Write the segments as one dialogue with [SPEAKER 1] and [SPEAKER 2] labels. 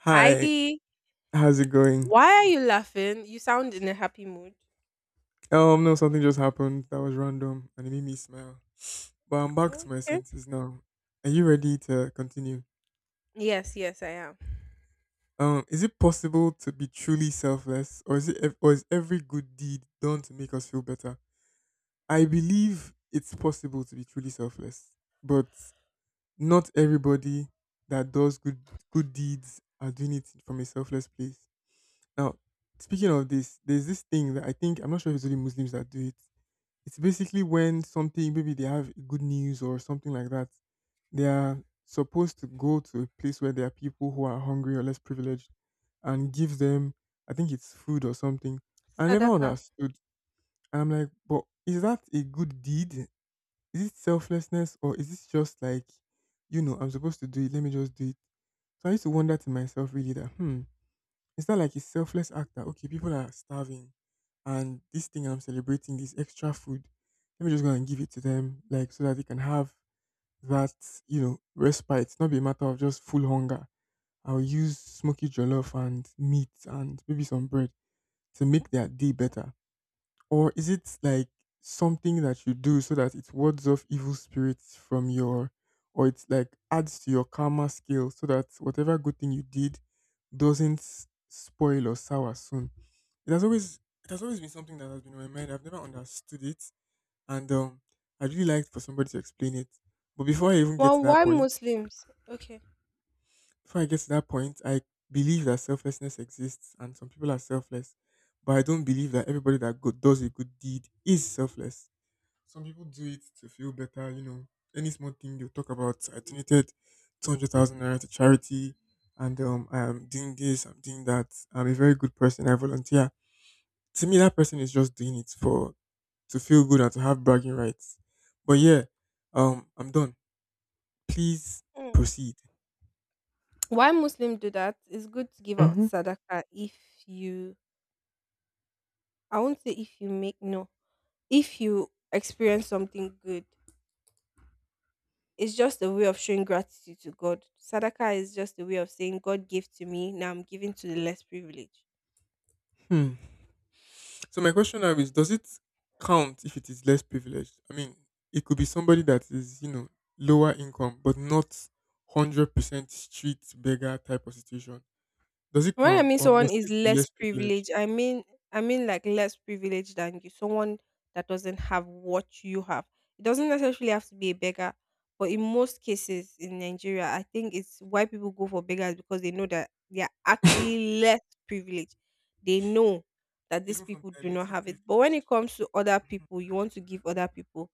[SPEAKER 1] Hi,
[SPEAKER 2] Heidi,
[SPEAKER 1] how's it going?
[SPEAKER 2] why are you laughing? You sound in a happy mood.
[SPEAKER 1] No, something just happened that was random and it made me smile. But I'm back to my
[SPEAKER 2] Okay.
[SPEAKER 1] senses now. Are you ready to continue?
[SPEAKER 2] Yes, yes, I am.
[SPEAKER 1] Is it possible to be truly selfless, or or is every good deed done to make us feel better? I believe it's possible to be truly selfless, but not everybody that does good deeds are doing it from a selfless place. Now, speaking of this, there's this thing that I think I'm not sure if it's only Muslims that do it. It's basically when something maybe they have good news or something like that. They are supposed to go to a place where there are people who are hungry or less privileged and give them I think it's food or something. I never
[SPEAKER 2] Sadaka.
[SPEAKER 1] understood. I'm like, but is that a good deed? Is it selflessness or is this just like, I'm supposed to do it, let me just do it. So I used to wonder to myself really that it's not like a selfless act that okay, people are starving, and this thing I'm celebrating, this extra food, let me just go and give it to them, like so that they can have that, respite. It's not be a matter of just full hunger. I'll use smoky jollof and meat and maybe some bread to make their day better. Or is it like something that you do so that it wards off evil spirits or it's like adds to your karma scale so that whatever good thing you did doesn't spoil or sour soon? It has always been something that has been on my mind. I've never understood it, and I'd really like for somebody to explain it. But before I even get to
[SPEAKER 2] Well,
[SPEAKER 1] that
[SPEAKER 2] why
[SPEAKER 1] point,
[SPEAKER 2] Muslims? Okay.
[SPEAKER 1] I believe that selflessness exists, and some people are selfless, but I don't believe that everybody that does a good deed is selfless. Some people do it to feel better. Any small thing they'll talk about. I donated 200,000 naira to charity, and I'm doing this, I'm doing that. I'm a very good person. I volunteer. To me, that person is just doing it for to feel good and to have bragging rights. But yeah, I'm done. Please
[SPEAKER 2] Mm.
[SPEAKER 1] proceed.
[SPEAKER 2] Why Muslims do that? It's good to give out
[SPEAKER 1] Mm-hmm.
[SPEAKER 2] sadaka if you, I won't say if you make, no, if you experience something good. It's just a way of showing gratitude to God. Sadaka is just a way of saying, God gave to me, now I'm giving to the less privileged.
[SPEAKER 1] hmm So my question now is, does it count if it is less privileged? I mean, it could be somebody that is, lower income, but not 100% street beggar type of situation. Does it
[SPEAKER 2] When I
[SPEAKER 1] count,
[SPEAKER 2] mean
[SPEAKER 1] or
[SPEAKER 2] someone
[SPEAKER 1] must
[SPEAKER 2] is
[SPEAKER 1] this be
[SPEAKER 2] less
[SPEAKER 1] less privileged?
[SPEAKER 2] privileged, I mean like less privileged than you, someone that doesn't have what you have. It doesn't necessarily have to be a beggar, but in most cases in Nigeria, I think it's why people go for beggars because they know that they are actually less privileged. They know that these
[SPEAKER 1] Even from
[SPEAKER 2] people
[SPEAKER 1] a
[SPEAKER 2] do not
[SPEAKER 1] little
[SPEAKER 2] have it. But when
[SPEAKER 1] privileged.
[SPEAKER 2] it comes to other people, you want to give other people,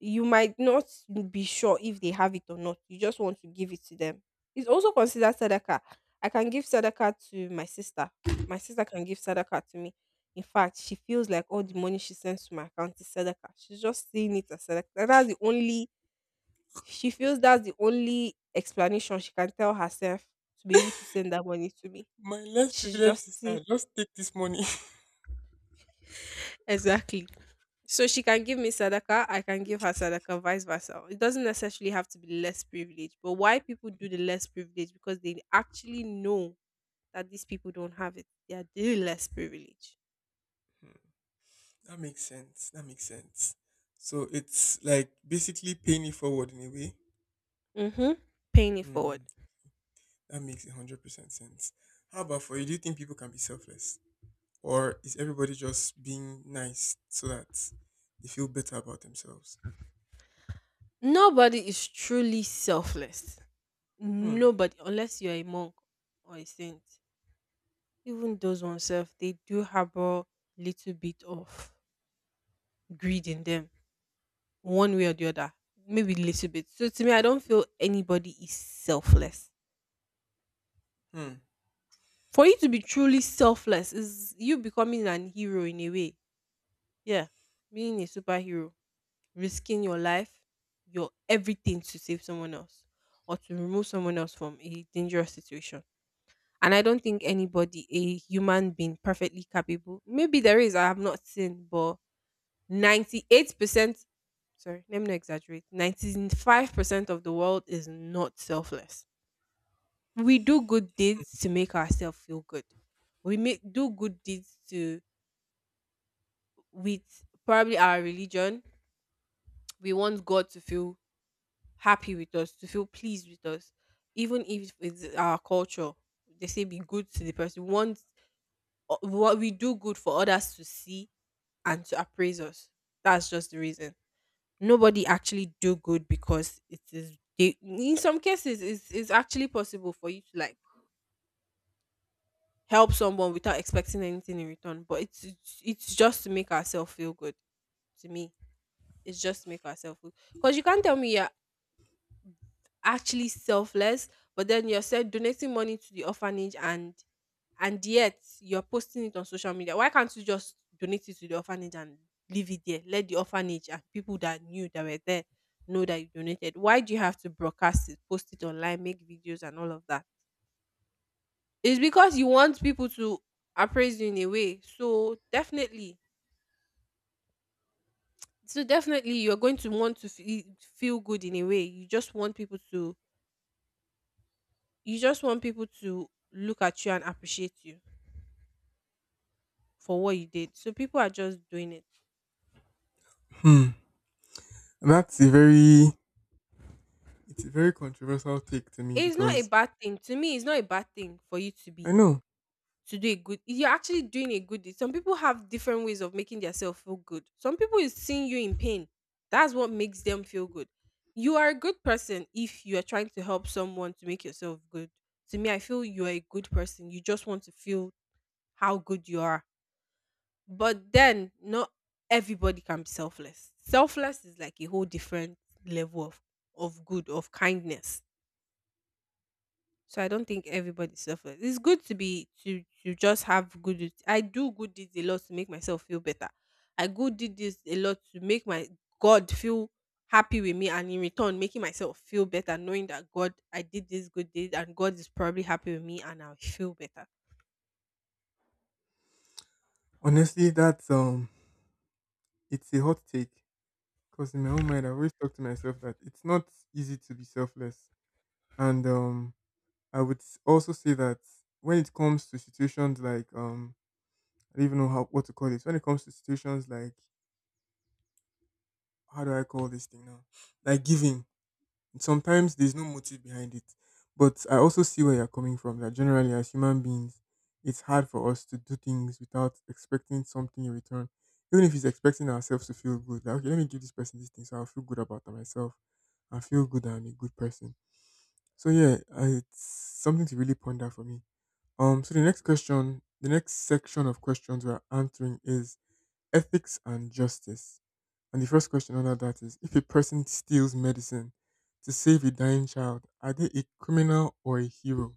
[SPEAKER 2] you might not be sure if they have it or not. You just want to give it to them. It's also considered sadaka. I can give sadaka to my sister. My sister can give sadaka to me. In fact, she feels like all
[SPEAKER 1] Hmm.
[SPEAKER 2] the money she sends to my account is sadaka. She's just seeing it as sadaka. That's the only, she feels that's the only explanation she can tell herself to be able to send that money to me.
[SPEAKER 1] My less
[SPEAKER 2] She's
[SPEAKER 1] privileged
[SPEAKER 2] just
[SPEAKER 1] sister,
[SPEAKER 2] see,
[SPEAKER 1] just take this money.
[SPEAKER 2] exactly. So she can give me sadaka, I can give her sadaka, vice versa. It doesn't necessarily have to be less privileged. But why people do the less privilege? Because they actually know that these people don't have it. They are the less privileged.
[SPEAKER 1] Hmm, that makes sense. That makes sense. So it's like basically paying it forward in a way.
[SPEAKER 2] Mm-hmm. Paying it forward.
[SPEAKER 1] Hmm, that makes 100% sense. How about for you? Do you think people can be selfless? Or is everybody just being nice so that they feel better about themselves?
[SPEAKER 2] Nobody is truly selfless.
[SPEAKER 1] Hmm.
[SPEAKER 2] Nobody, unless you're a monk or a saint. Even those oneself, they do harbor little bit of greed in them, one way or the other. Maybe little bit. So to me, I don't feel anybody is selfless,
[SPEAKER 1] Hmm.
[SPEAKER 2] for you to be truly selfless is you becoming an hero in a way. Yeah. Being a superhero, risking your life, your everything to save someone else or to remove someone else from a dangerous situation. And I don't think anybody, a human being, perfectly capable. Maybe there is, I have not seen, but 98%, sorry, let me not exaggerate, 95% of the world is not selfless, we do good deeds to make ourselves feel good. We make do good deeds to, with probably our religion. We want God to feel happy with us, to feel pleased with us, even if it's our culture. They say be good to the person. We want what we do good for others to see and to appraise us. That's just the reason. Nobody actually do good because it is. They, in some cases, it's actually possible for you to like help someone without expecting anything in return. But it's just to make ourselves feel good. To me, it's just to make ourselves feel. Because you can't tell me you're actually selfless, but then you're said donating money to the orphanage and yet you're posting it on social media. Why can't you just donate it to the orphanage and leave it there? Let the orphanage and people that knew that were there know that you donated. Why do you have to broadcast it, post it online, make videos and all of that? It's because you want people to appraise you in a way. So definitely, you're going to want to feel good in a way. You just want people to look at you and appreciate you for what you did. So people are just doing it.
[SPEAKER 1] Hmm. And that's a very it's a very controversial take to me
[SPEAKER 2] It's not a
[SPEAKER 1] because
[SPEAKER 2] bad thing to me. It's not a bad thing for you to
[SPEAKER 1] I
[SPEAKER 2] be,
[SPEAKER 1] know.
[SPEAKER 2] to do a good you're actually doing a good deed. Some people have different ways of making themselves feel good. Some people is seeing you in pain, that's what makes them feel good. You are a good person. If you are trying to help someone to make yourself good, to me, I feel you are a good person. You just want to feel how good you are. But then not everybody can be selfless. Selfless is like a whole different level of good, of kindness. So I don't think everybody suffers. It's good to be to just have good deeds. I do good deeds a lot to make myself feel better. I good did this a lot to make my God feel happy with me, and in return, making myself feel better, knowing that God, I did this good deed, and God is probably happy with me, and I'll feel better.
[SPEAKER 1] Honestly, that's it's a hot take because in my own mind I've always talked to myself that it's not easy to be selfless, and I would also say that when it comes to situations like, I don't even know how what to call it, when it comes to situations like, how do I call this thing now, like giving. Sometimes there's no motive behind it. But I also see where you're coming from that generally, as human beings, it's hard for us to do things without expecting something in return. Even if it's expecting ourselves to feel good, like, okay, let me give this person this thing so I'll feel good about myself. I feel good that I'm a good person. So, yeah, it's something to really ponder for me. So the next section of questions we're answering is ethics and justice. And the first question under that is, if a person steals medicine to save a dying child, are they a criminal or a hero?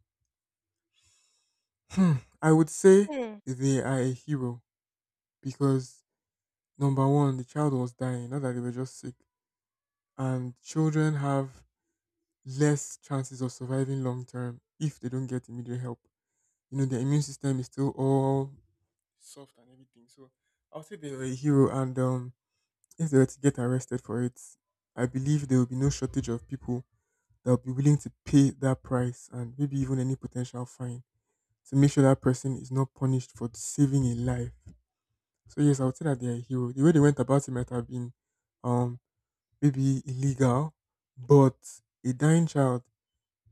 [SPEAKER 1] Hmm. I would say
[SPEAKER 2] Mm,
[SPEAKER 1] they are a hero because number one, the child was dying, not that they were just sick. And children have less chances of surviving long term if they don't get immediate help. You know, their immune system is still all soft and everything. So I'll say they were a hero, and if they were to get arrested for it, I believe there will be no shortage of people that will be willing to pay that price and maybe even any potential fine to make sure that person is not punished for saving a life. So yes, I would say that they are a hero. The way they went about it might have been um maybe illegal, but a dying child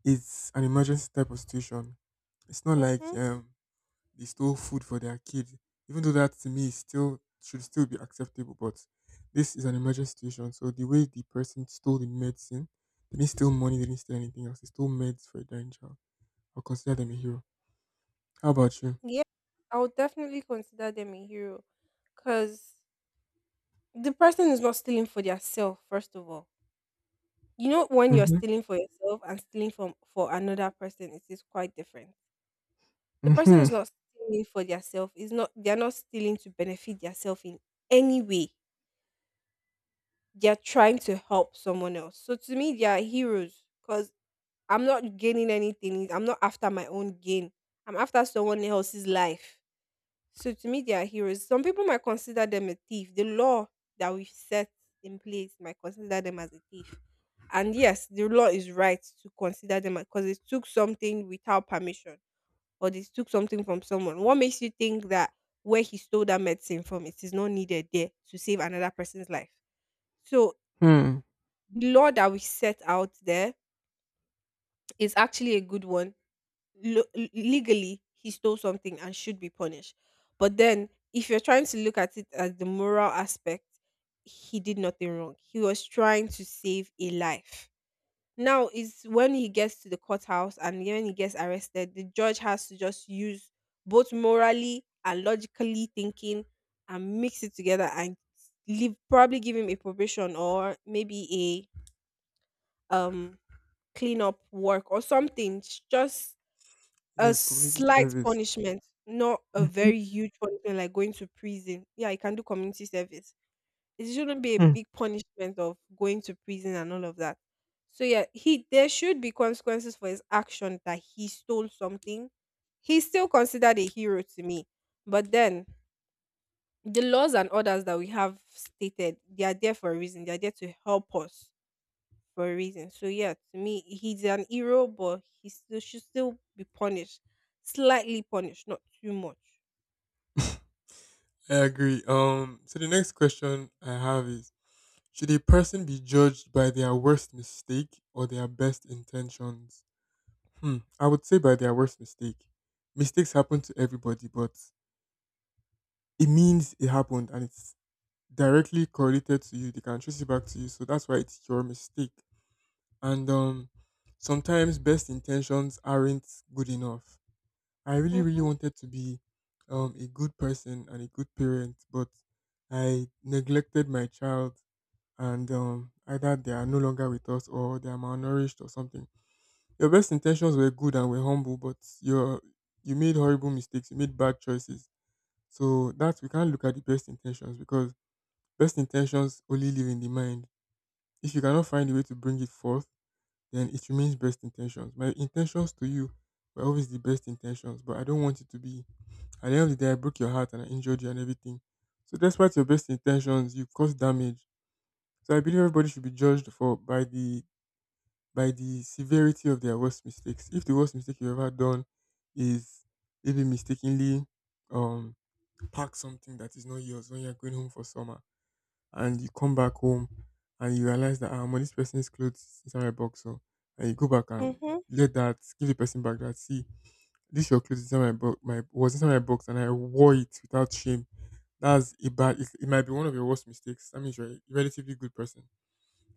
[SPEAKER 1] is an emergency type of situation. It's not like
[SPEAKER 2] mm-hmm.
[SPEAKER 1] they stole food for their kid, even though that to me is still should still be acceptable. But this is an emergency situation. So the way the person stole the medicine, they didn't steal money, they didn't steal anything else. They stole meds for a dying child. I'll consider them a hero. How about you?
[SPEAKER 2] Yeah, I would definitely consider them a hero because the person is not stealing for their self, first of all. You know, when you're
[SPEAKER 1] Mm-hmm.
[SPEAKER 2] stealing for yourself and stealing from for another person, it is quite different. The person
[SPEAKER 1] Mm-hmm.
[SPEAKER 2] is not stealing for themselves. Is not they are not stealing to benefit themselves in any way. They are trying to help someone else. So to me, they are heroes because I'm not gaining anything. I'm not after my own gain. I'm after someone else's life. So to me, they are heroes. Some people might consider them a thief. The law that we've set in place might consider them as a thief. And yes, the law is right to consider them because they took something without permission or they took something from someone. What makes you think that where he stole that medicine from, it is not needed there to save another person's life? So
[SPEAKER 1] Hmm.
[SPEAKER 2] the law that we set out there is actually a good one. Legally, he stole something and should be punished. But then, if you're trying to look at it as the moral aspect, he did nothing wrong. He was trying to save a life. Now is when he gets to the courthouse and when he gets arrested, the judge has to just use both morally and logically thinking and mix it together and leave, probably give him a probation or maybe a cleanup work or something. Just a
[SPEAKER 1] Yeah, community
[SPEAKER 2] slight
[SPEAKER 1] service.
[SPEAKER 2] punishment, not a
[SPEAKER 1] Mhm.
[SPEAKER 2] very huge punishment like going to prison. Yeah, he can do community service, it shouldn't be a
[SPEAKER 1] Hmm.
[SPEAKER 2] big punishment of going to prison and all of that. So yeah, he, there should be consequences for his action that he stole something. He's still considered a hero to me. But then the laws and orders that we have stated, they are there for a reason. They are there to help us for a reason. So yeah, to me, he's an hero, but he still should still be punished, slightly punished, not too much.
[SPEAKER 1] I agree. So the next question I have is: should a person be judged by their worst mistake or their best intentions? Hmm. I would say by their worst mistake. Mistakes happen to everybody, but it means it happened and it's directly correlated to you. They can trace it back to you. So that's why it's your mistake. And sometimes best intentions aren't good enough. I really, really
[SPEAKER 2] Mhm.
[SPEAKER 1] wanted to be a good person and a good parent, but I neglected my child, and either they are no longer with us or they are malnourished or something. Your best intentions were good and were humble, but your you made horrible mistakes. You made bad choices. So that, we can't look at the best intentions, because best intentions only live in the mind. If you cannot find a way to bring it forth, then it remains best intentions. My intentions to you were always the best intentions, but I don't want it to be. At the end of the day, I broke your heart and I injured you and everything. So despite your best intentions, you caused damage. So I believe everybody should be judged for by the severity of their worst mistakes. If the worst mistake you've ever done is maybe mistakenly um pack something that is not yours when you're going home for summer, and you come back home and you realize that, my, this person's clothes is inside my box, so, and you go back and
[SPEAKER 2] Mhm.
[SPEAKER 1] let that give the person back, that see, this your clothes inside my box, my was inside my box and I wore it without shame. That's a bad it, it might be one of your worst mistakes. That means you're a relatively good person,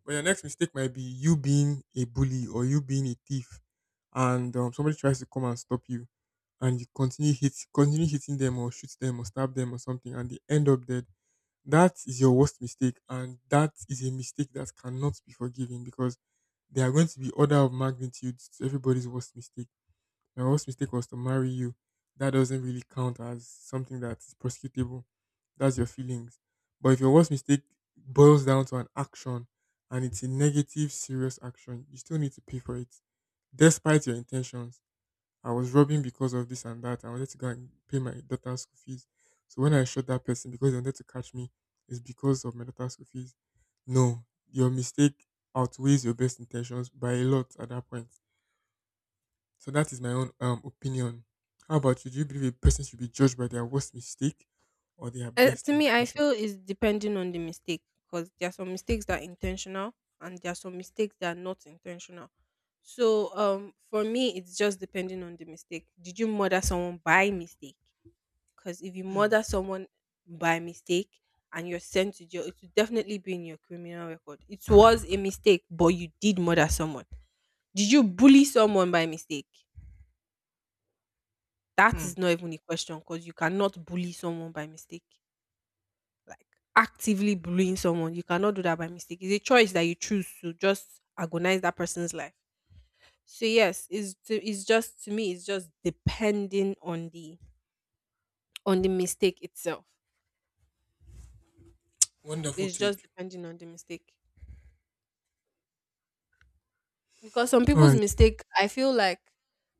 [SPEAKER 1] but your next mistake might be you being a bully or you being a thief, and somebody tries to come and stop you, and you continue hitting them or shoot them or stab them or something, and they end up dead. That is your worst mistake, and that is a mistake that cannot be forgiven because there are going to be order of magnitudes to everybody's worst mistake. My worst mistake was to marry you, that doesn't really count as something that's prosecutable. That's your feelings. But if your worst mistake boils down to an action and it's a negative, serious action, you still need to pay for it. Despite your intentions, I was robbing because of this and that. I wanted to go and pay my daughter's school fees. So when I shot that person because they wanted to catch me, it's because of my daughter's school fees. No, your mistake outweighs your best intentions by a lot at that point. So that is my own opinion. How about you? Do you believe a person should be judged by their worst mistake or their best
[SPEAKER 2] To me, I
[SPEAKER 1] intention?
[SPEAKER 2] feel it's depending on the mistake because there are some mistakes that are intentional and there are some mistakes that are not intentional. So, for me, it's just depending on the mistake. Did you murder someone by mistake? Because if you
[SPEAKER 1] Hmm.
[SPEAKER 2] murder someone by mistake and you're sent to jail, it will definitely be in your criminal record. It was a mistake, but you did murder someone. Did you bully someone by mistake? That
[SPEAKER 1] Hmm.
[SPEAKER 2] is not even a question because you cannot bully someone by mistake. Like actively bullying someone. You cannot do that by mistake. It's a choice that you choose to just agonize that person's life. So yes, it's just to me, it's just depending on the, on the mistake itself.
[SPEAKER 1] Wonderful
[SPEAKER 2] It's just
[SPEAKER 1] take.
[SPEAKER 2] depending on the mistake because some
[SPEAKER 1] All
[SPEAKER 2] people's
[SPEAKER 1] right.
[SPEAKER 2] mistake, I feel like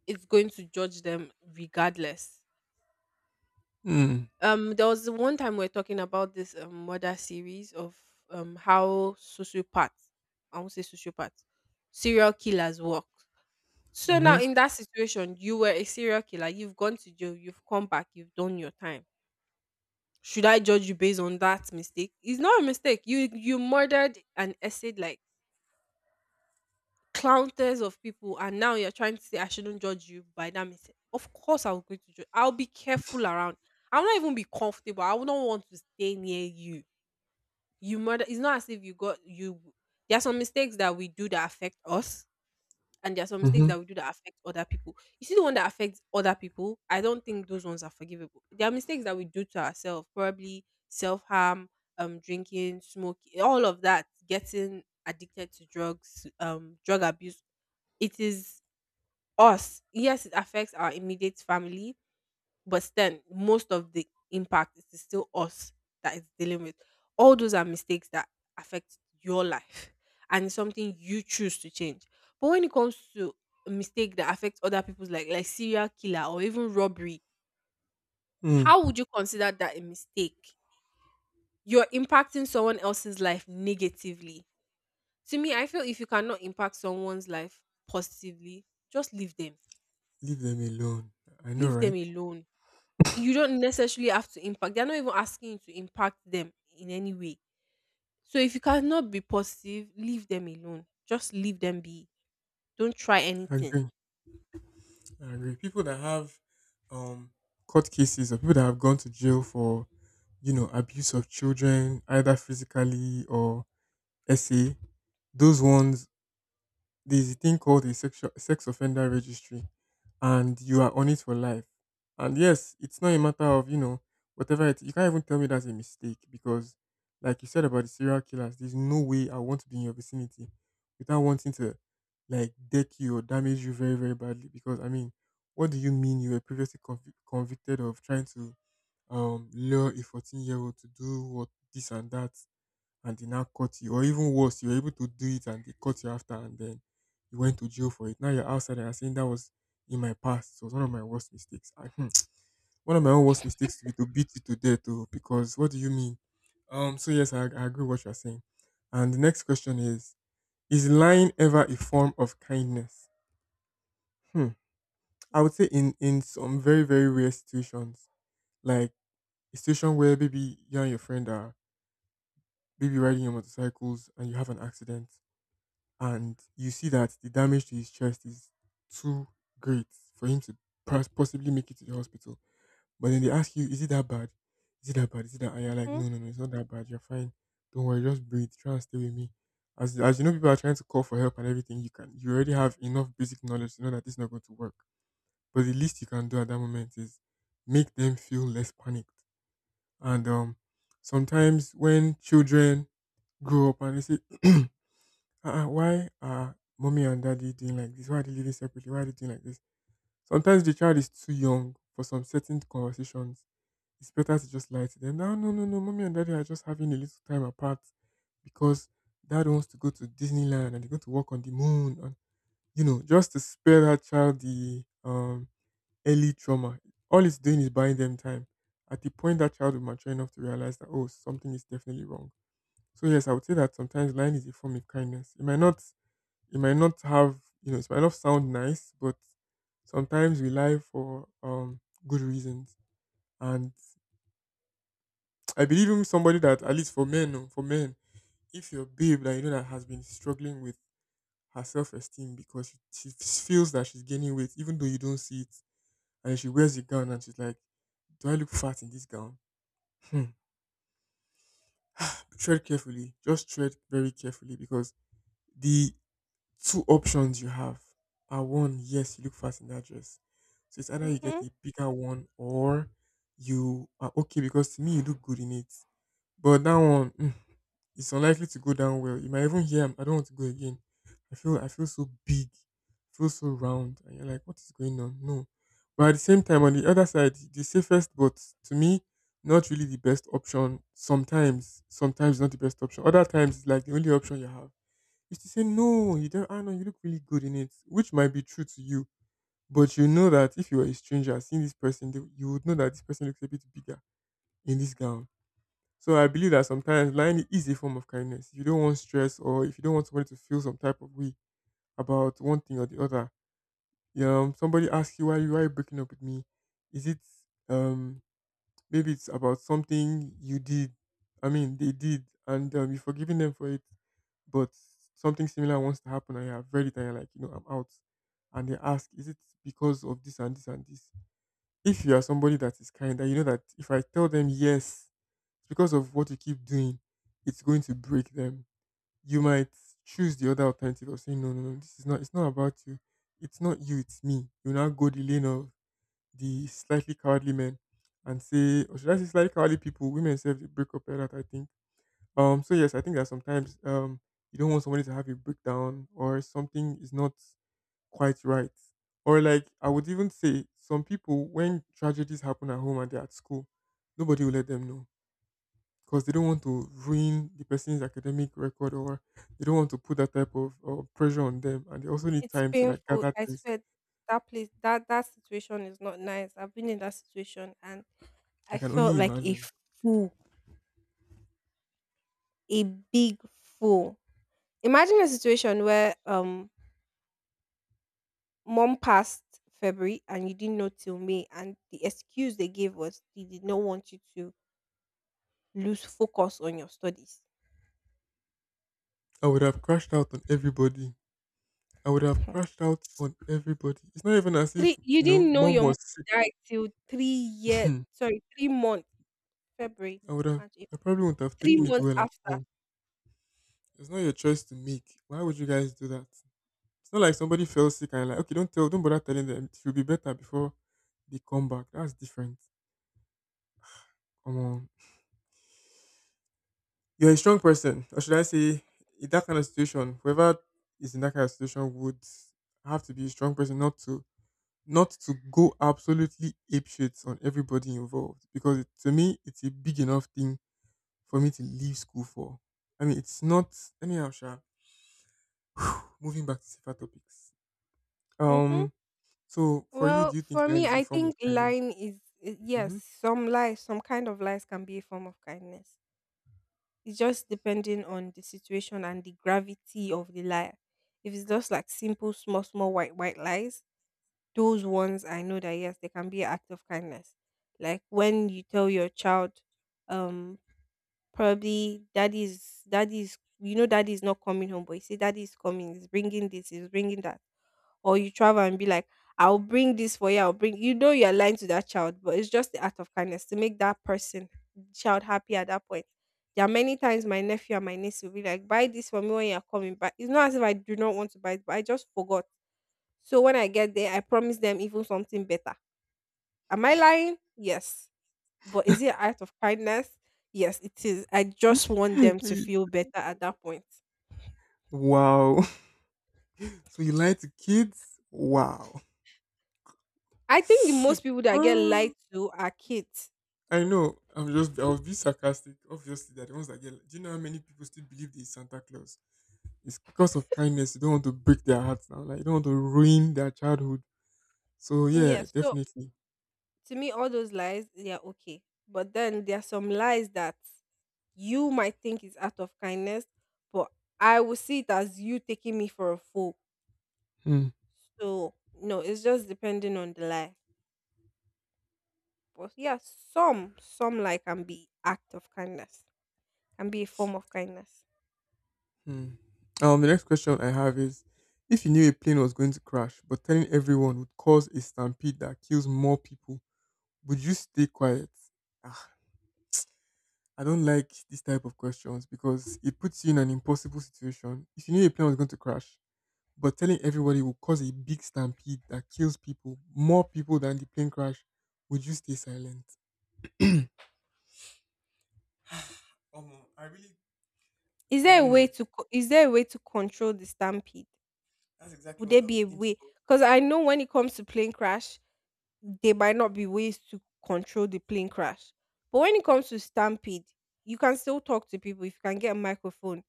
[SPEAKER 2] it's going to judge them regardless.
[SPEAKER 1] Mm.
[SPEAKER 2] There was one time we are talking about this murder series of, how sociopaths, I won't say sociopaths, serial killers work. So
[SPEAKER 1] Mm-hmm.
[SPEAKER 2] now in that situation, you were a serial killer. You've gone to jail. You've come back. You've done your time. Should I judge you based on that mistake? It's not a mistake. You murdered and essayed like counters of people, and now you're trying to say I shouldn't judge you by that mistake. Of course, I will go to judge. I'll be careful around. I will not even be comfortable. I would not want to stay near you. You murder. It's not as if you got you. There are some mistakes that we do that affect us and there are some mistakes
[SPEAKER 1] Mm-hmm.
[SPEAKER 2] that we do that affect other people. You see the one that affects other people, I don't think those ones are forgivable. There are mistakes that we do to ourselves, probably self harm, drinking, smoking, all of that, getting addicted to drugs, drug abuse. It is us. Yes, it affects our immediate family, but then most of the impact is still us that is dealing with. All those are mistakes that affect your life, and it's something you choose to change. But when it comes to a mistake that affects other people's, like serial killer or even robbery,
[SPEAKER 1] Mm.
[SPEAKER 2] how would you consider that a mistake? You're impacting someone else's life negatively. To me, I feel if you cannot impact someone's life positively, just leave them,
[SPEAKER 1] Leave them alone. I know,
[SPEAKER 2] leave
[SPEAKER 1] right?
[SPEAKER 2] them alone. You don't necessarily have to impact. They're not even asking you to impact them in any way. So if you cannot be positive, leave them alone. Just leave them be. Don't try
[SPEAKER 1] I
[SPEAKER 2] anything.
[SPEAKER 1] agree. I agree. People that have um court cases, or people that have gone to jail for, abuse of children, either physically or SA, those ones, there's a thing called a sex offender registry, and you are on it for life. And yes, it's not a matter of, whatever it you can't even tell me that's a mistake because like you said about the serial killers, there's no way I want to be in your vicinity without wanting to like deck you or damage you very, very badly. Because I mean, what do you mean you were previously convicted of trying to lure a 14-year-old to do what this and that and they now caught you. Or even worse, you were able to do it and they caught you after, and then you went to jail for it. Now you're outside and you're saying that was in my past. It was one of my worst mistakes. One of my own worst mistakes to be to beat you to death though, because what do you mean? So yes, I agree with what you're saying. And the next question is lying ever a form of kindness? Hmm. I would say in some very, very rare situations. Like a situation where maybe you and your friend are maybe riding your motorcycles and you have an accident, and you see that the damage to his chest is too great for him to possibly make it to the hospital. But then they ask you, is it that bad? Is it that bad? Is it that? And you're like,
[SPEAKER 2] Mm-hmm,
[SPEAKER 1] no, no, no, it's not that bad. You're fine. Don't worry, just breathe. Try and stay with me. As you know, people are trying to call for help and everything. You already have enough basic knowledge to know that this is not going to work. But the least you can do at that moment is make them feel less panicked. And sometimes when children grow up and they say, uh-uh, why are mommy and daddy doing like this? Why are they living separately? Why are they doing like this? Sometimes the child is too young for some certain conversations. It's better to just lie to them. No, no, no, no. Mommy and daddy are just having a little time apart because dad wants to go to Disneyland and they going to walk on the moon. And, you know, just to spare that child the early trauma. All it's doing is buying them time. At the point that child will mature enough to realize that, oh, something is definitely wrong. So, yes, I would say that sometimes lying is a form of kindness. It might not have, you know, it might not sound nice, but sometimes we lie for good reasons. And I believe in somebody that at least for men, oh, for men, if your babe that you know that has been struggling with her self esteem because she feels that she's gaining weight, even though you don't see it, and she wears the gown and she's like, "Do I look fat in this gown?" Hmm. Tread carefully. Just tread very carefully because the two options you have are one, yes, you look fast in that dress. So it's either you get
[SPEAKER 2] mm-hmm.
[SPEAKER 1] a bigger one, or you are okay because to me you look good in it. But that one, mm, it's unlikely to go down well. You might even hear, "I don't want to go again." I feel so big, I feel so round, and you're like, "What is going on?" No, but at the same time, on the other side, the safest, but to me, not really the best option. Sometimes not the best option. Other times, it's like the only option you have is to say, no, you don't, I know you look really good in it, which might be true to you. But you know that if you were a stranger seeing this person, you would know that this person looks a bit bigger in this gown. So I believe that sometimes lying is a form of kindness. If you don't want stress, or if you don't want somebody to feel some type of way about one thing or the other, somebody asks you why are you breaking up with me? Is it um maybe it's about something you did. I mean, they did, and you're forgiving them for it. But something similar wants to happen, and you have read it, and you're very tired, like, you know, I'm out. And they ask, is it because of this and this and this? If you are somebody that is kind, and you know that if I tell them yes, it's because of what you keep doing, it's going to break them. You might choose the other alternative of saying, no, no, no, this is not, it's not about you. It's not you, it's me. You now go the lane of the slightly cowardly men and say, or should I say slightly cowardly people, women self they break up like that, I think. So yes, I think that sometimes you don't want somebody to have a breakdown, or something is not quite right. Or like I would even say some people when tragedies happen at home and they're at school, nobody will let them know. Because they don't want to ruin the person's academic record, or they don't want to put that type of pressure on them, and they also need
[SPEAKER 2] It's
[SPEAKER 1] time to like
[SPEAKER 2] painful.
[SPEAKER 1] gather
[SPEAKER 2] I
[SPEAKER 1] things.
[SPEAKER 2] swear that place, that situation is not nice. I've been in that situation, and
[SPEAKER 1] I
[SPEAKER 2] I
[SPEAKER 1] can only
[SPEAKER 2] felt like a
[SPEAKER 1] imagine.
[SPEAKER 2] fool, a big fool. Imagine a situation where mom passed February and you didn't know till May, and the excuse they gave was they did not want you to lose focus on your studies.
[SPEAKER 1] I would have crashed out on everybody I would have
[SPEAKER 2] Mhm.
[SPEAKER 1] crashed out on everybody. It's not even as
[SPEAKER 2] Three,
[SPEAKER 1] if,
[SPEAKER 2] you
[SPEAKER 1] you know,
[SPEAKER 2] didn't know
[SPEAKER 1] mom
[SPEAKER 2] your mom
[SPEAKER 1] was
[SPEAKER 2] died till 3 years,
[SPEAKER 1] sick.
[SPEAKER 2] sorry, 3 months, February,
[SPEAKER 1] I would have,
[SPEAKER 2] March,
[SPEAKER 1] I
[SPEAKER 2] April,
[SPEAKER 1] probably wouldn't have
[SPEAKER 2] three
[SPEAKER 1] taken it
[SPEAKER 2] Months
[SPEAKER 1] well at
[SPEAKER 2] after.
[SPEAKER 1] all. It's not your choice to make. Why would you guys do that? It's not like somebody fell sick and you're like, okay, don't tell, don't bother telling them. It will be better before they come back. That's different. Come on. You're a strong person. Or should I say, in that kind of situation, whoever is in that kind of situation would have to be a strong person not to go absolutely apeshit on everybody involved because to me it's a big enough thing for me to leave school for. I mean, it's not anyhow. Sha. Moving back to safer topics.
[SPEAKER 2] Hmm.
[SPEAKER 1] Um. So, for you,
[SPEAKER 2] Well,
[SPEAKER 1] do you think
[SPEAKER 2] for
[SPEAKER 1] lying
[SPEAKER 2] me,
[SPEAKER 1] is a
[SPEAKER 2] I
[SPEAKER 1] form of
[SPEAKER 2] think
[SPEAKER 1] kindness?
[SPEAKER 2] lying is, yes,
[SPEAKER 1] Hmm.
[SPEAKER 2] some lies, some kind of lies can be a form of kindness. It's just depending on the situation and the gravity of the liar. If it's just like simple, small, small white, white lies, those ones I know that yes, they can be an act of kindness. Like when you tell your child, um probably daddy not coming home, but you say daddy coming, he's bringing this, he's bringing that. Or you travel and be like, I'll bring this for you, I'll bring you know you're lying to that child, but it's just the act of kindness to make that person child happy at that point. There are many times my nephew and my niece will be like, buy this for me when you're coming back. It's not as if I do not want to buy it, but I just forgot. So when I get there, I promise them even something better. Am I lying? Yes. But is it an act of kindness? Yes, it is. I just want them to feel better at that point.
[SPEAKER 1] Wow. So you lie to kids? Wow.
[SPEAKER 2] I think the most people that get lied
[SPEAKER 1] Oh,
[SPEAKER 2] to are kids.
[SPEAKER 1] I know. I'm just. I was being sarcastic. Obviously, that the ones that get. Do you know how many people still believe there is Santa Claus? It's because of kindness. You don't want to break their hearts now. Like you don't want to ruin their childhood. So yeah,
[SPEAKER 2] Yes. So
[SPEAKER 1] definitely.
[SPEAKER 2] to me, all those lies, they are okay. But then there are some lies that you might think is out of kindness, but I will see it as you taking me for a fool.
[SPEAKER 1] Hmm.
[SPEAKER 2] So no, it's just depending on the lie. But yeah, some lie can be act of kindness, can be a form of kindness.
[SPEAKER 1] Hmm. The next question I have is, if you knew a plane was going to crash, but telling everyone would cause a stampede that kills more people, would you stay quiet? Ah, I don't like this type of questions because it puts you in an impossible situation. If you knew a plane was going to crash, but telling everybody will cause a big stampede that kills people, more people than the plane crash, would you stay silent? Um, I really,
[SPEAKER 2] Is
[SPEAKER 1] I
[SPEAKER 2] there a
[SPEAKER 1] don't
[SPEAKER 2] way
[SPEAKER 1] know.
[SPEAKER 2] to co- is there a way to control the stampede?
[SPEAKER 1] That's exactly
[SPEAKER 2] Would
[SPEAKER 1] what
[SPEAKER 2] there
[SPEAKER 1] I
[SPEAKER 2] be
[SPEAKER 1] was
[SPEAKER 2] a
[SPEAKER 1] thinking
[SPEAKER 2] way?
[SPEAKER 1] of
[SPEAKER 2] Because I know when it comes to plane crash, there might not be ways to control the plane crash. But when it comes to stampede, you can still talk to people if you can get a microphone.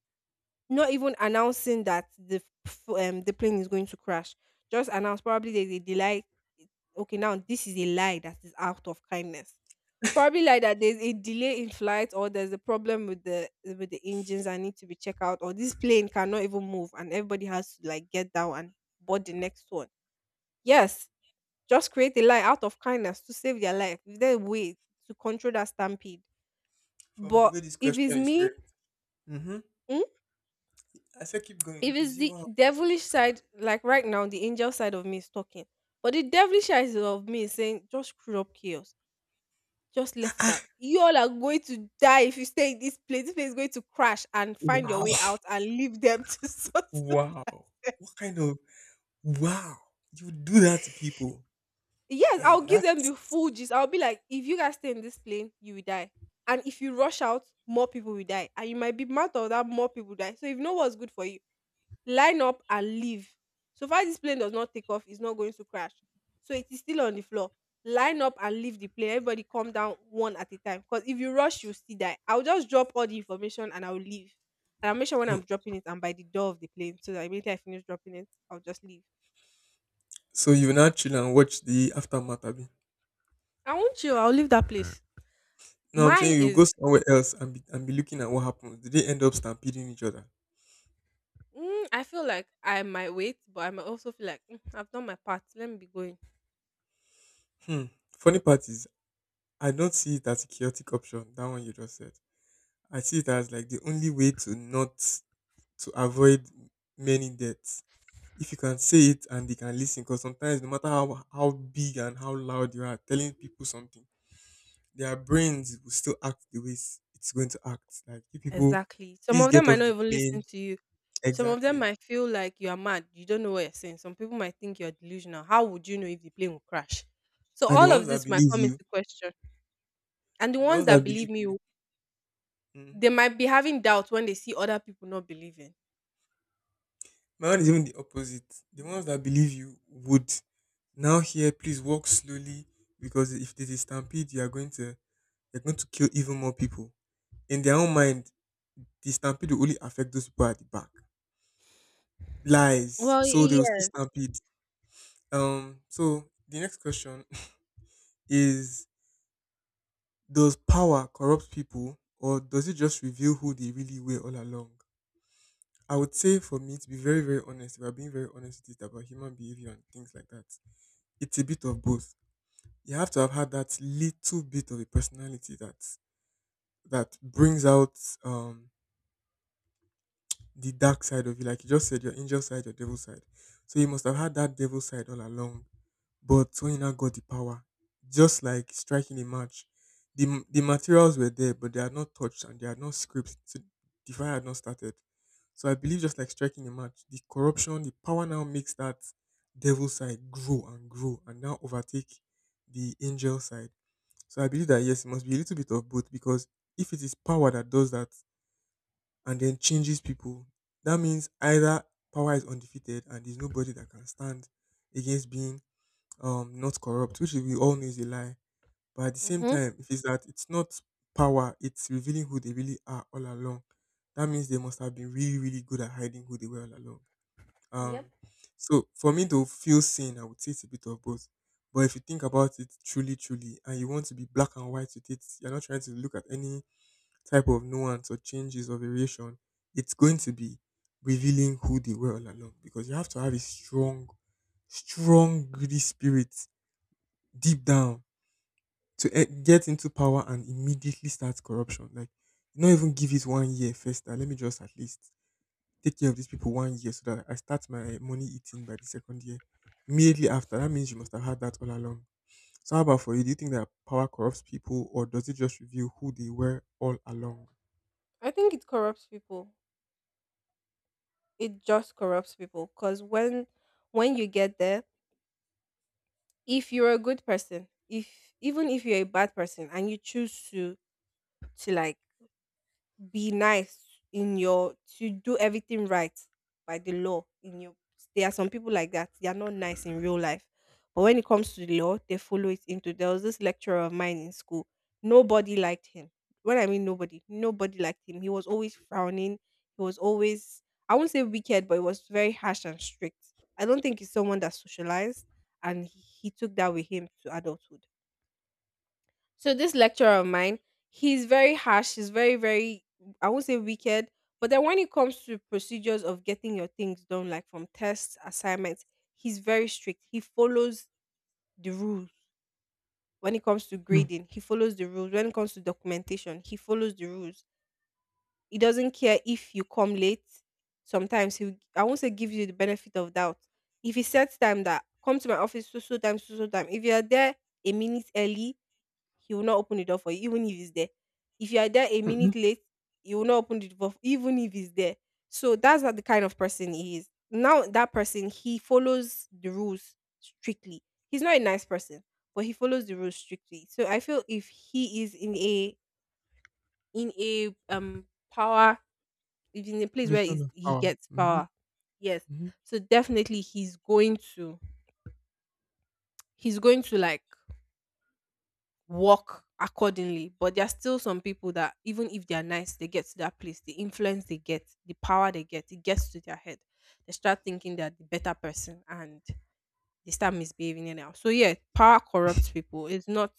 [SPEAKER 2] Not even announcing that the plane is going to crash. Just announce probably there's a delay. Okay, now this is a lie that is out of kindness. Probably like that there's a delay in flight, or there's a problem with the engines that need to be checked out, or this plane cannot even move and everybody has to like get down and board the next one. Yes, just create a line out of kindness to save their life. Is there a way to control that stampede?
[SPEAKER 1] from the
[SPEAKER 2] But
[SPEAKER 1] way this
[SPEAKER 2] if it's
[SPEAKER 1] question is
[SPEAKER 2] me,
[SPEAKER 1] framed. Mm-hmm.
[SPEAKER 2] mm,
[SPEAKER 1] I said, keep going.
[SPEAKER 2] if
[SPEAKER 1] If it's
[SPEAKER 2] it's
[SPEAKER 1] you,
[SPEAKER 2] the
[SPEAKER 1] wow,
[SPEAKER 2] devilish side, like right now, the angel side of me is talking. But the devilish side of me is saying, just screw up chaos. Just let it out. You all are going to die if you stay in this place. This place is going to crash, and find your
[SPEAKER 1] wow,
[SPEAKER 2] way out and leave them to sort it.
[SPEAKER 1] wow. What kind of wow? You would do that to people?
[SPEAKER 2] Yes, I'll
[SPEAKER 1] Damn,
[SPEAKER 2] give them
[SPEAKER 1] that's
[SPEAKER 2] the full gist. I'll be like, if you guys stay in this plane, you will die. And if you rush out, more people will die. And you might be mad of that more people die. So if know what's good for you, line up and leave. So far this plane does not take off, it's not going to crash. So it is still on the floor. Line up and leave the plane. Everybody come down one at a time. Because if you rush, you'll still die. I'll just drop all the information and I'll leave. And I'll make sure when
[SPEAKER 1] mm,
[SPEAKER 2] I'm dropping it, I'm by the door of the plane. So that immediately I finish dropping it, I'll just leave.
[SPEAKER 1] so you will not chill and watch the aftermath. Abi.
[SPEAKER 2] I won't chill. I'll leave that place.
[SPEAKER 1] No, I'm
[SPEAKER 2] Mine
[SPEAKER 1] saying you go
[SPEAKER 2] is,
[SPEAKER 1] somewhere else and be looking at what happens. Did they end up stampeding each other?
[SPEAKER 2] I feel like I might wait, but I might also feel like, "Mm, I've done my part. Let me be going."
[SPEAKER 1] Hmm. Funny part is, I don't see it as a chaotic option. That one you just said. I see it as like the only way to not to avoid many deaths. If you can say it and they can listen, because sometimes no matter how big and how loud you are telling people something, their brains will still act the way it's going to act. Like if people
[SPEAKER 2] Exactly. Some
[SPEAKER 1] please
[SPEAKER 2] of them
[SPEAKER 1] get
[SPEAKER 2] might
[SPEAKER 1] off
[SPEAKER 2] not
[SPEAKER 1] the
[SPEAKER 2] even
[SPEAKER 1] plane,
[SPEAKER 2] listen to you. Some of them
[SPEAKER 1] exactly.
[SPEAKER 2] might feel like you are mad. You don't know what you're saying. Some people might think you're delusional. How would you know if the plane will crash? So
[SPEAKER 1] And the
[SPEAKER 2] all
[SPEAKER 1] ones
[SPEAKER 2] of
[SPEAKER 1] that
[SPEAKER 2] this might
[SPEAKER 1] believe
[SPEAKER 2] come
[SPEAKER 1] you,
[SPEAKER 2] into question. And the
[SPEAKER 1] and the
[SPEAKER 2] ones
[SPEAKER 1] ones
[SPEAKER 2] that
[SPEAKER 1] that believe
[SPEAKER 2] believe me,
[SPEAKER 1] you, mm,
[SPEAKER 2] they might be having doubt when they see other people not believing.
[SPEAKER 1] my one is even the opposite. The ones that believe you would now here please walk slowly because if there's a stampede, you're going to kill even more people in their own mind, the stampede will only affect those people at the back. Lies.
[SPEAKER 2] Well,
[SPEAKER 1] So they
[SPEAKER 2] y-
[SPEAKER 1] will still
[SPEAKER 2] yeah.
[SPEAKER 1] stampede. So the next question is: Does power corrupt people, or does it just reveal who they really were all along? I would say, for me, to be very, very honest, if I'm being very honest with it about human behavior and things like that, it's a bit of both. You have to have had that little bit of a personality that brings out um the dark side of you, like you just said, your angel side, your devil side. So you must have had that devil side all along. But when you now got the power, just like striking a match, the materials were there, but they are not touched and they are not scraped. So the fire had not started. So I believe just like striking a match, the corruption, the power now makes that devil side grow and grow and now overtake the angel side. So I believe that yes, it must be a little bit of both because if it is power that does that, and then changes people. That means either power is undefeated and there's nobody that can stand against being not corrupt, which we all know is a lie. But at the same
[SPEAKER 2] Hmm.
[SPEAKER 1] time, if it is that it's not power, it's revealing who they really are all along. That means they must have been really, really good at hiding who they were all along.
[SPEAKER 2] Yep.
[SPEAKER 1] Um so for me to feel seen, I would say it's a bit of both. But if you think about it truly, truly, and you want to be black and white with it, you're not trying to look at any type of nuance or changes or variation, it's going to be revealing who they were all along because you have to have a strong, strong, greedy spirit deep down to eh, get into power and immediately start corruption. Like, not even give it one year first. Ah, let me just at least take care of these people one year so that I start my eh, money eating by the second year. Immediately after, that means you must have had that all along. So, how about for you? Do you think that power corrupts people, or does it just reveal who they were all along?
[SPEAKER 2] I think it corrupts people. It just corrupts people because when you get there, if you're a good person, if even if you're a bad person and you choose to like be nice in your, to do everything right by the law in your. There are some people like that, they are not nice in real life, but when it comes to the law, they follow it. Into, there was this lecturer of mine in school, nobody liked him. When I mean nobody liked him. He was always frowning. He was always, I won't say wicked, but he was very harsh and strict. I don't think he's someone that socialized, and he took that with him to adulthood. So this lecturer of mine, he's very harsh. He's very, very, I won't say wicked, but then when it comes to procedures of getting your things done, like from tests, assignments, he's very strict. He follows the rules. When it comes to grading, he follows the rules. When it comes to documentation, he follows the rules. He doesn't care if you come late. Sometimes he, I won't say gives you the benefit of doubt. If he sets time that come to my office so so time so so time, if you are there a minute early, he will not open the door for you, even if he's there. If you are there a minute late, he will not open the door, even if he's there. So that's not the kind of person he is. Now that person, he follows the rules strictly. He's not a nice person, but he follows the rules strictly. So I feel if he is in a, in a um, power, if in a place where
[SPEAKER 1] Position
[SPEAKER 2] he's-
[SPEAKER 1] of
[SPEAKER 2] he
[SPEAKER 1] power.
[SPEAKER 2] gets
[SPEAKER 1] Mhm,
[SPEAKER 2] power, yes.
[SPEAKER 1] mhm.
[SPEAKER 2] So definitely he's going to, he's going to like work accordingly. But there are still some people that even if they are nice, they get to that place, the influence they get, the power they get, it gets to their head. They start thinking they're the better person, and they start misbehaving anyhow. So yeah, power corrupts people. It's not,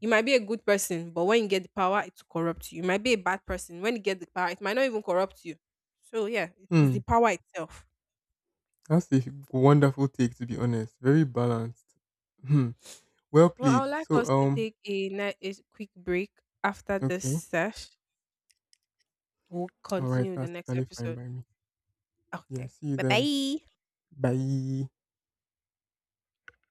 [SPEAKER 2] you might be a good person, but when you get the power, it corrupts you. You might be a bad person. When you get the power, it might not even corrupt you. So yeah, it is the
[SPEAKER 1] Hmm,
[SPEAKER 2] power itself.
[SPEAKER 1] that's a wonderful take to be honest. Very balanced. Hmm. Well
[SPEAKER 2] Well, I
[SPEAKER 1] played.
[SPEAKER 2] would like
[SPEAKER 1] So
[SPEAKER 2] us to take a, a quick break after this
[SPEAKER 1] okay.
[SPEAKER 2] sesh. We'll
[SPEAKER 1] All right,
[SPEAKER 2] continue the
[SPEAKER 1] that's
[SPEAKER 2] next
[SPEAKER 1] totally fine
[SPEAKER 2] episode.
[SPEAKER 1] by me. Yeah,
[SPEAKER 2] Okay.
[SPEAKER 1] see you then.
[SPEAKER 2] Bye-bye.
[SPEAKER 1] Bye.